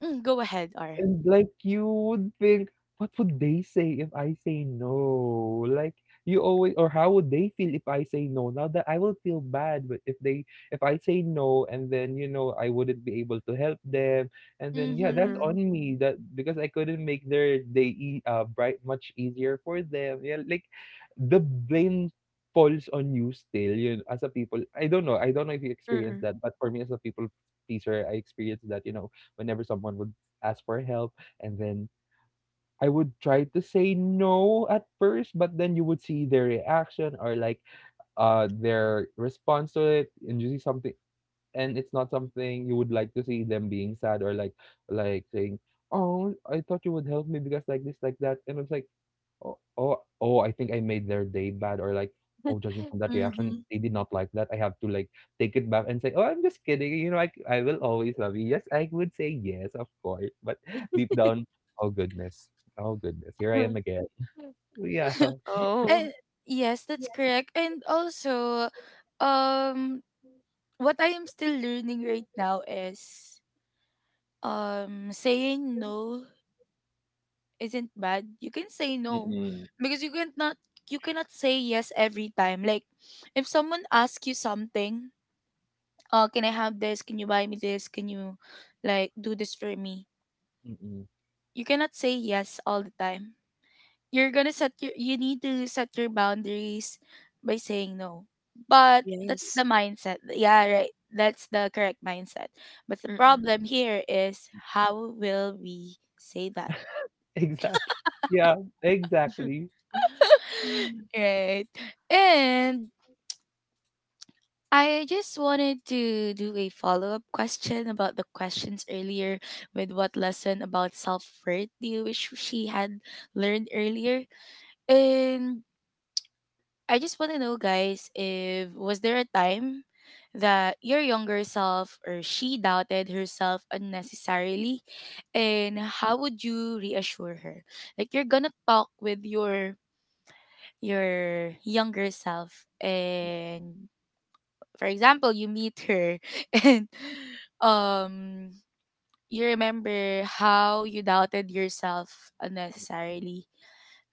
mm, go ahead, R.
And like you would think, what would they say if I say no? Like you always, or how would they feel if I say no? Now that I will feel bad, but if they, if I say no and then you know I wouldn't be able to help them, and then yeah, that's
Mhm.
on
Mm-mm.
me, that because I couldn't make their day bright much easier for them. Yeah, like the blame falls on you still, you know, as a people. I don't know. I don't know if you experience
Mm-mm.
that, but for me as a people pleaser, I experienced that, you know, whenever someone would ask for help, and then I would try to say no at first, but then you would see their reaction, or like their response to it, and you see something, and it's not something you would like to see them being sad or like saying, "Oh, I thought you would help me because like this, like that," and it's like Oh oh oh, I think I made their day bad or like, oh, judging from that reaction,
Mhm.
they did not like that. I have to like take it back and say, "Oh, I'm just kidding. You know, I will always love you." Yes, I would say yes, of course, but deep down, oh goodness, oh goodness, here I am again. Yeah.
Oh.
And yes, that's correct. And also, um, what I am still learning right now is, saying no isn't bad. You can say no
Mm-mm.
because you can't not you cannot say yes every time. Like, if someone asks you something, can I have this? Can you buy me this? Can you like do this for me?
Mm-mm.
You cannot say yes all the time. You need to set your boundaries by saying no. But that's
Yes.
the mindset. Yeah, right. That's the correct mindset. But the
Mm-mm.
problem here is, how will we say that?
Exactly. Yeah, exactly. Mm.
Right. And I just wanted to do a follow up question about the questions earlier, with what lesson about self worth do you wish she had learned earlier? And I just want to know, guys, if, was there a time that your younger self, or she, doubted herself unnecessarily? And how would you reassure her? Like, you're gonna talk with your younger self, and for example, you meet her and um you remember how you doubted yourself unnecessarily.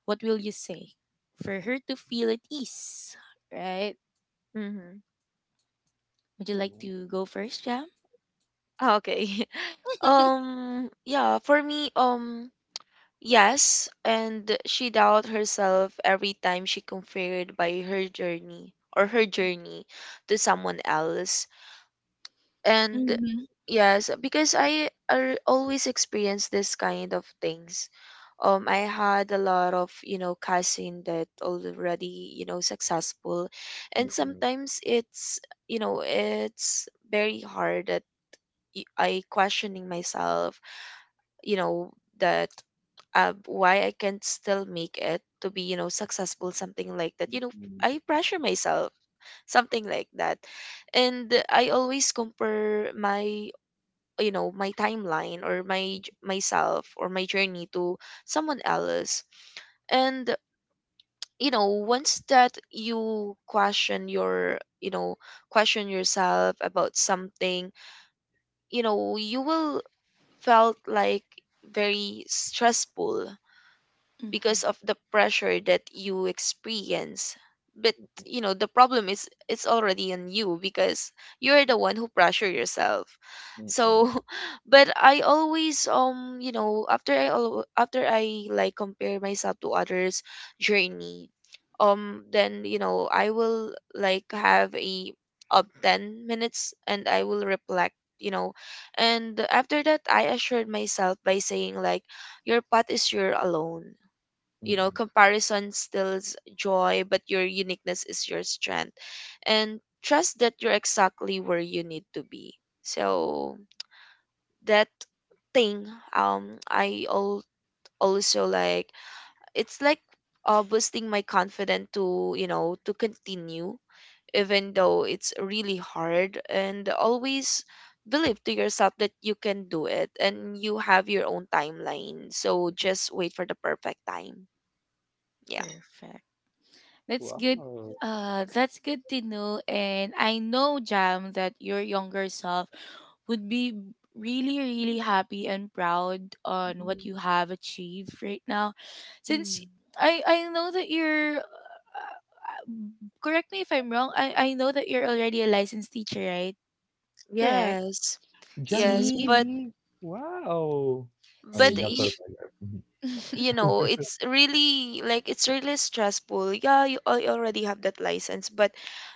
What will you say? For her to feel at ease, right?
Mm-hmm.
Would you like to go first, Jam?
Ah, okay. Yeah, for me, yes, and she doubted herself every time she compared by her journey or her journey to someone else. And
Mm-hmm.
yes, because always experience this kind of things. I had a lot of, you know, cousin that already, you know, successful, and
Mm-mm.
sometimes it's, you know, it's very hard, I questioning myself, you know, that why I can't still make it to be, you know, successful, something like that. You know,
Mm-mm.
I pressure myself, something like that. And I always compare my you know my timeline or myself or my journey to someone else. And you know once that you question your, you know, question yourself about something, you know, you will felt like very stressful
Mm-hmm.
because of the pressure that you experience. But you know the problem is it's already on you, because you're the one who pressure yourself.
Mm-mm.
So but I always you know after I like compare myself to others journey, then you know I will like have a of 10 minutes and I will reflect, you know. And after that I assured myself by saying like your path is your alone, you know,
Mm.
comparison steals joy but your uniqueness is your strength, and trust that you're exactly where you need to be. So that thing um i al- also like, it's like boosting my confidence to, you know, to continue even though it's really hard. And always believe to yourself that you can do it, and you have your own timeline, so just wait for the perfect time. Yeah.
Perfect. That's good.
Wow.
That's good to know. And I know, Jam, that your younger self would be really, really happy and proud on what
Mm-mm.
you have achieved right now. Since
Mm.
I know that you're, correct me if I'm wrong, I know that you're already a licensed teacher, right? Correct.
Yes.
Jam
Yes,
See?
but
really? Wow. Oh,
but
you got
See?
y-
surprised.
you know, it's really like it's really stressful. Yeah, you already have that license, but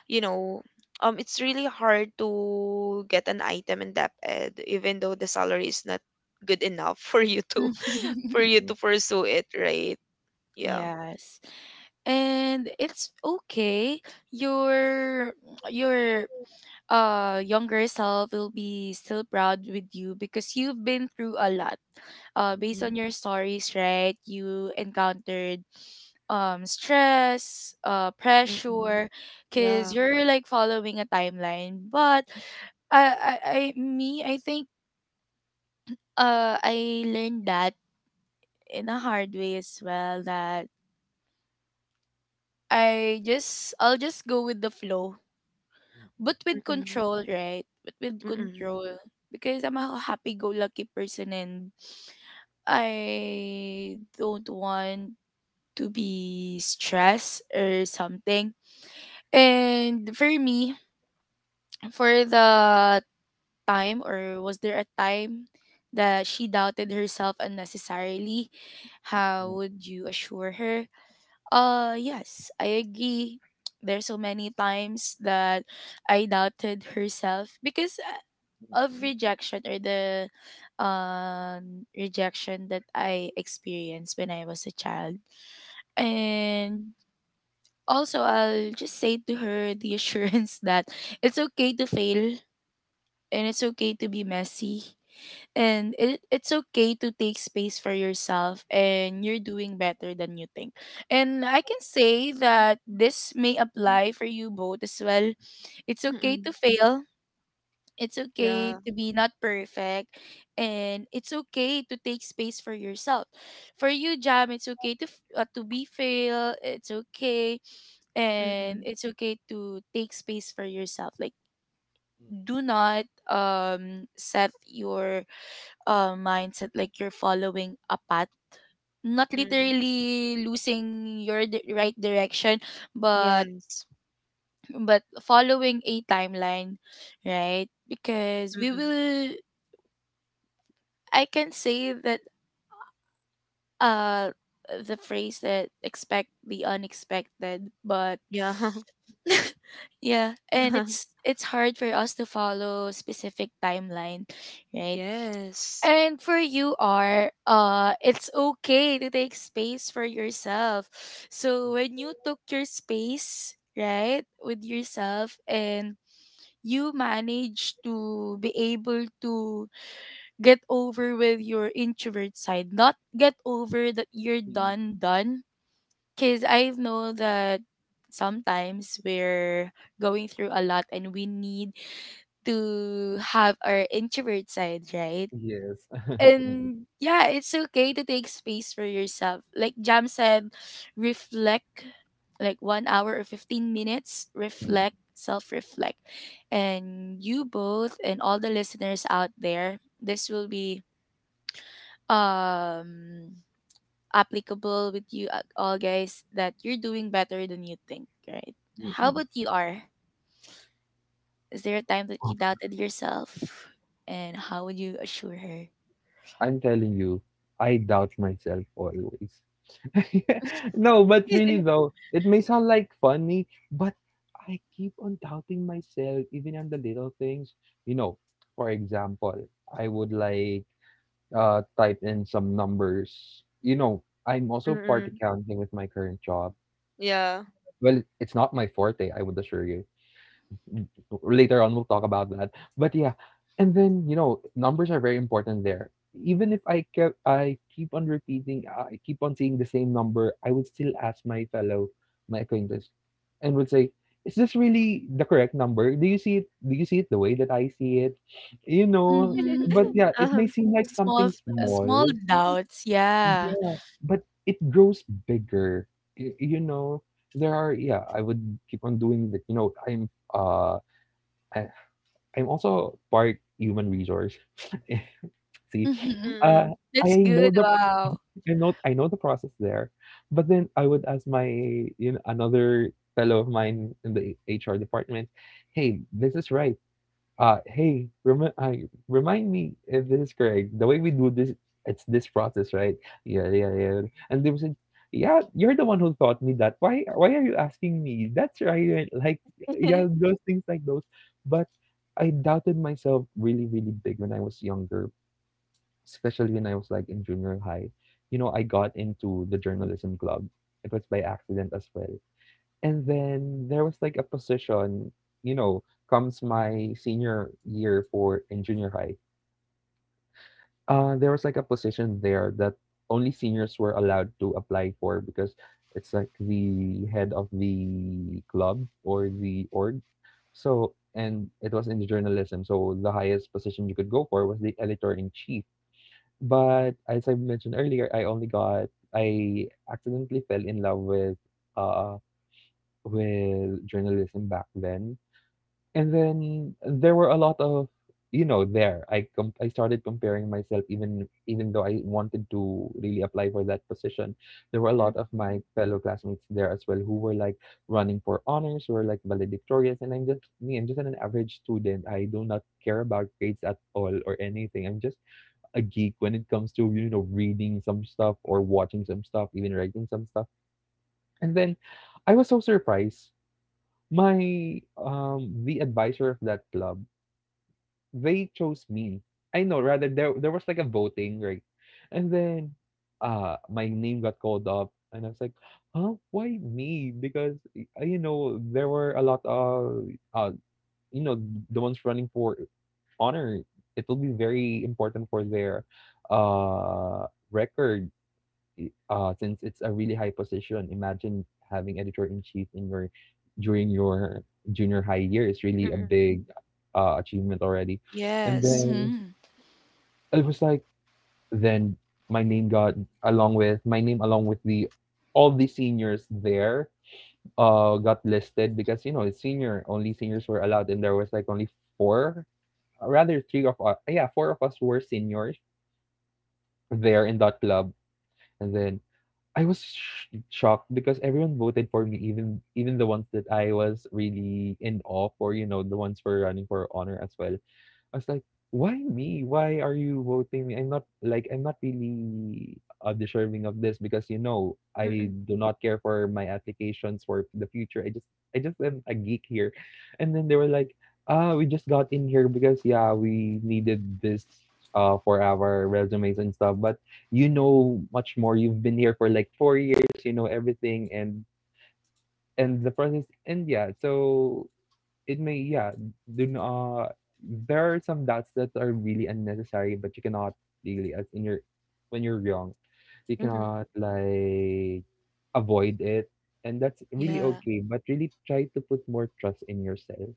you know, it's really hard to get an item in that ed, even though the salary is not good enough for you to for you
Mhm.
to pursue it, right? Yeah.
Yes. And it's okay. Your your younger self will be still proud with you because you've been through a lot based on your stories, right? You encountered, stress,
Mm-mm.
pressure,
Yeah.
because you're like following a timeline. But I think I learned that in a hard way as well, that I'll just go with the flow.
Mm-mm,
But with
Mm-mm.
control, right? But with
Mm-mm.
control. Because I'm a happy go lucky person, and I don't want to be stressed or something. And for me, for the time, or was there a time, that she doubted herself unnecessarily? How
mm-mm,
would you assure her? Yes, I agree. There's so many times that I doubted herself because of rejection, or the rejection that I experienced when I was a child. And also I'll just say to her the assurance that it's okay to fail, and it's okay to be messy. And it's okay to take space for yourself, and you're doing better than you think. And I can say that this may apply for you both as well. It's okay to
Mm-mm.
fail, it's okay
Yeah.
to be not perfect, and it's okay to take space for yourself. For you, Jam, it's okay to to be fail. It's okay, and
Mm-mm.
it's okay to take space for yourself. Like,
mm-mm,
do not set your mindset like you're following a path, not
Mm-mm.
literally losing your right direction, but
Yes.
but following a timeline, right? Because we
Mm-mm.
will, I can say that uh the phrase that expect the unexpected. But
Yeah.
yeah, and it's hard for us to follow specific timeline, right?
Yes.
And for you, are it's okay to take space for yourself. So when you took your space, right, with yourself and you managed to be able to get over with your introvert side, not get over, that you're
mm,
done, because I know that sometimes we're going through a lot, and we need to have our introvert side, right?
yes. Mm-mm,
And yeah, it's okay to take space for yourself, like Jam said. Reflect, like 1 hour or 15 minutes,
mm-mm.
reflect, self-reflect. And you both and all the listeners out there, this will be um applicable with you at all, guys, that you're doing better than you think, right? How about you, are is there a time that you
Oh,
doubted yourself, and how would you assure her?
I'm telling you, I doubt myself always. No, but really though, it may sound like funny, but I keep on doubting myself even on the little things. You know, for example, I would like type in some numbers. You know, I'm also part
Mm-mm.
accounting with my current job.
Yeah.
Well, it's not my forte, I would assure you. Later on, we'll talk about that. But yeah, and then you know, numbers are very important there. Even if I kept, I keep on repeating, I keep on seeing the same number, I would still ask my fellow, my acquaintance, and would say, "Is this really the correct number? Do you see it? Do you see it the way that I see it? You know."
Mm-hmm.
But yeah, it
Uh-huh.
may seem like
Small,
something small,
small doubts, yeah.
yeah, but it grows bigger. You know, there are yeah. I would keep on doing that. You know, uh. I, I'm also part human resource. See,
Mm-hmm.
uh,
Mm-mm.
I
That's
know
good.
the
Wow.
I know, I know the process there, but then I would ask my you know another fellow of mine in the HR department, "Hey, this is right. Hey, remind me if this is correct. The way we do this, it's this process, right? Yeah, yeah, yeah." And they were saying, "Yeah, you're the one who taught me that. Why are you asking me? That's right." Right, like, yeah, those things like those. But I doubted myself really, really big when I was younger, especially when I was like in junior high. You know, I got into the journalism club. It was by accident as well. And then there was like a position, you know, comes my senior year for in junior high. There was like a position there that only seniors were allowed to apply for because it's like the head of the club or the org. So, and it was in the journalism. So the highest position you could go for was the editor in chief. But as I mentioned earlier, I only got I accidentally fell in love uh with journalism back then. And then there were a lot of, you know, there I started comparing myself, even even though I wanted to really apply for that position. There were a
Mm-mm.
lot of my fellow classmates there as well who were like running for honors, who were like valedictorians, and I'm just me. I'm just an average student. I do not care about grades at all or anything. I'm just a geek when it comes to reading some stuff or watching some stuff, even writing some stuff. And then I was so surprised. My The advisor of that club they chose me. I know, rather, there was like a voting, right? And then my name got called up and I was like, huh, why me? Because there were a lot of uh you know, the ones running for honor. It will be very important for their uh record, since it's a really high position. Imagine having editor in chief in your during your junior high year is really a
Mm-mm.
big achievement already. And
Yes.
then
Mm-hmm.
it was like, then my name got my name along with the all the seniors there got listed, because it's senior only seniors were allowed, and there was like only four, rather three of us, yeah, four of us were seniors there in that club. And then I was shocked because everyone voted for me, even the ones that I was really in awe for, the ones for running for honor as well. I was like, why me? Why are you voting me? I'm not really deserving of this, because I
Mm-mm.
do not care for my applications for the future. I just am a geek here, and then they were like, ah, we just got in here because, yeah, we needed this for our resumes and stuff. But you know much more. You've been here for like 4 years. You know everything and the process. And yeah, so it may yeah, do n- uh there are some doubts that are really unnecessary, but you cannot really, as in your when you're young you
Mm-hmm.
cannot, like, avoid it, and that's really
Yeah.
okay. But really try to put more trust in yourself,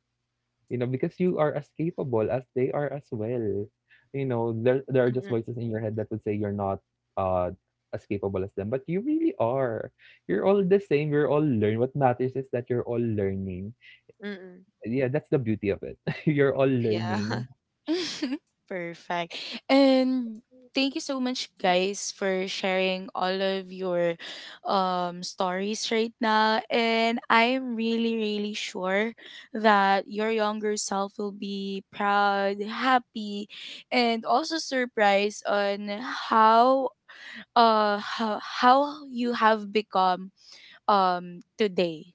because you are as capable as they are as well. You know, there are just
Mm-mm.
voices in your head that would say you're not uh as capable as them, but you really are. You're all the same. You're all learned. What matters is that you're all learning.
Mm-mm.
Yeah, that's the beauty of it. You're all
Yeah.
learning.
Perfect. And thank you so much, guys, for sharing all of your stories right now. And I'm really really sure that your younger self will be proud, happy, and also surprised on how, uh how, how you have become today,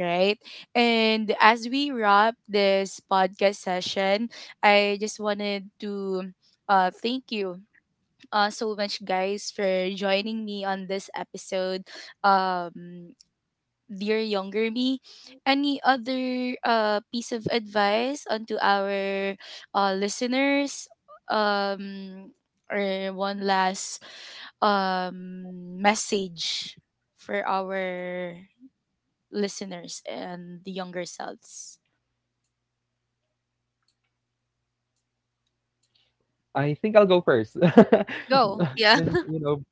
right? And as we wrap this podcast session, I just wanted to thank you so much, guys, for joining me on this episode. um Dear Younger Me, any other piece of advice onto our listeners, um or one last message for our listeners and the younger selves.
I think I'll go first.
Go.
Yeah.
Since, you know,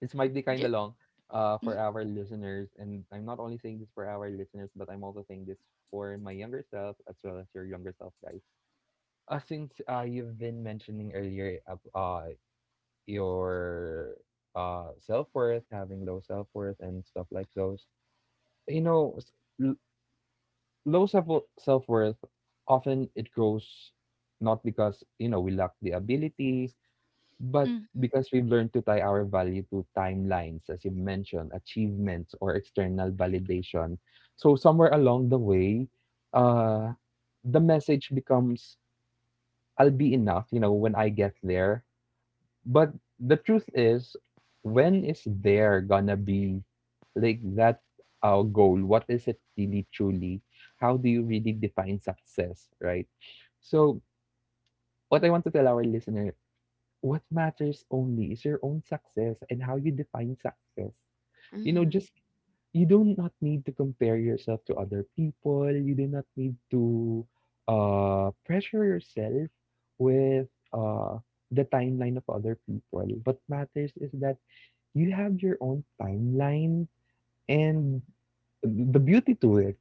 this might be kind
J-
of long,
mhm,
for our listeners. And I'm not only saying this for our listeners, but I'm also saying this for my younger self as well as your younger self, guys. Since you've been mentioning earlier your self worth, having low self worth, and stuff like those, you know, s- l- low self worth often it grows, not because we lack the ability, but
mhm.
because we've learned to tie our value to timelines, as you mentioned, achievements or external validation. So somewhere along the way uh the message becomes, I'll be enough when I get there. But the truth is, when is there gonna be, like, that goal? What is it really, truly? How do you really define success, right? So what I want to tell our listener, what matters only is your own success and how you define success.
Mm-hmm.
Just, you do not need to compare yourself to other people. You do not need to pressure yourself with uh, the timeline of other people. What matters is that you have your own timeline, and the beauty to it,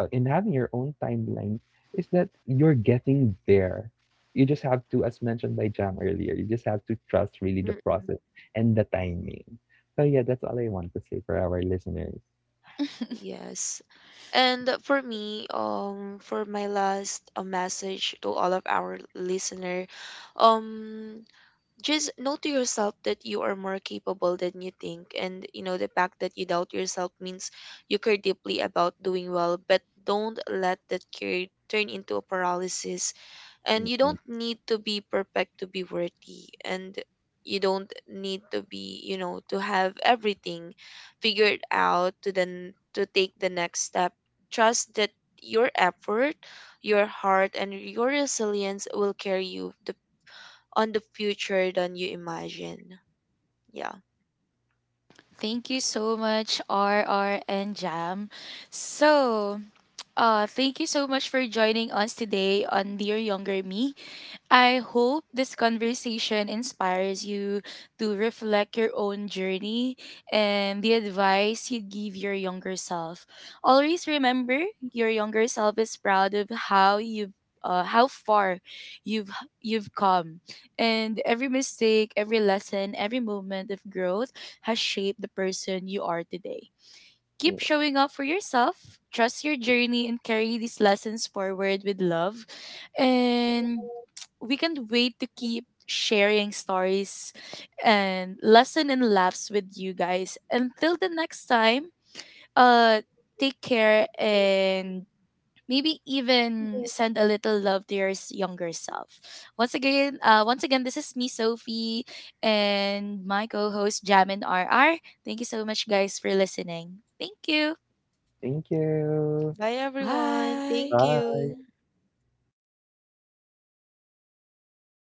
in having your own timeline, is that you're getting there. You just have to, as mentioned by Jam earlier, you just have to trust really the
Mm-mm.
process and the timing. So, yeah, that's all I want to say for our listeners.
Yes. And for me, for my last message to all of our listener, um, just know to yourself that you are more capable than you think. And you know the fact that you doubt yourself means you care deeply about doing well, but don't let that care turn into a paralysis. And you don't need to be perfect to be worthy, and you don't need to be, you know, to have everything figured out to then to take the next step. Trust that your effort, your heart and your resilience will carry you on the future than you imagine. Yeah.
Thank you so much, R R and Jam. So, thank you so much for joining us today on Dear Younger Me. I hope this conversation inspires you to reflect your own journey and the advice you would give your younger self. Always remember, your younger self is proud of how you've, how far you've you've come. And every mistake, every lesson, every moment of growth has shaped the person you are today. Keep showing up for yourself, trust your journey, and carry these lessons forward with love. And we can't wait to keep sharing stories and lesson and laughs with you guys. Until the next time, uh take care, and maybe even send a little love to your younger self. Once again, this is me, Sophie, and my co-host Jam and RR. Thank you so much, guys, for listening. Thank you.
Thank you.
Bye, everyone.
Bye.
Thank
Bye.
you.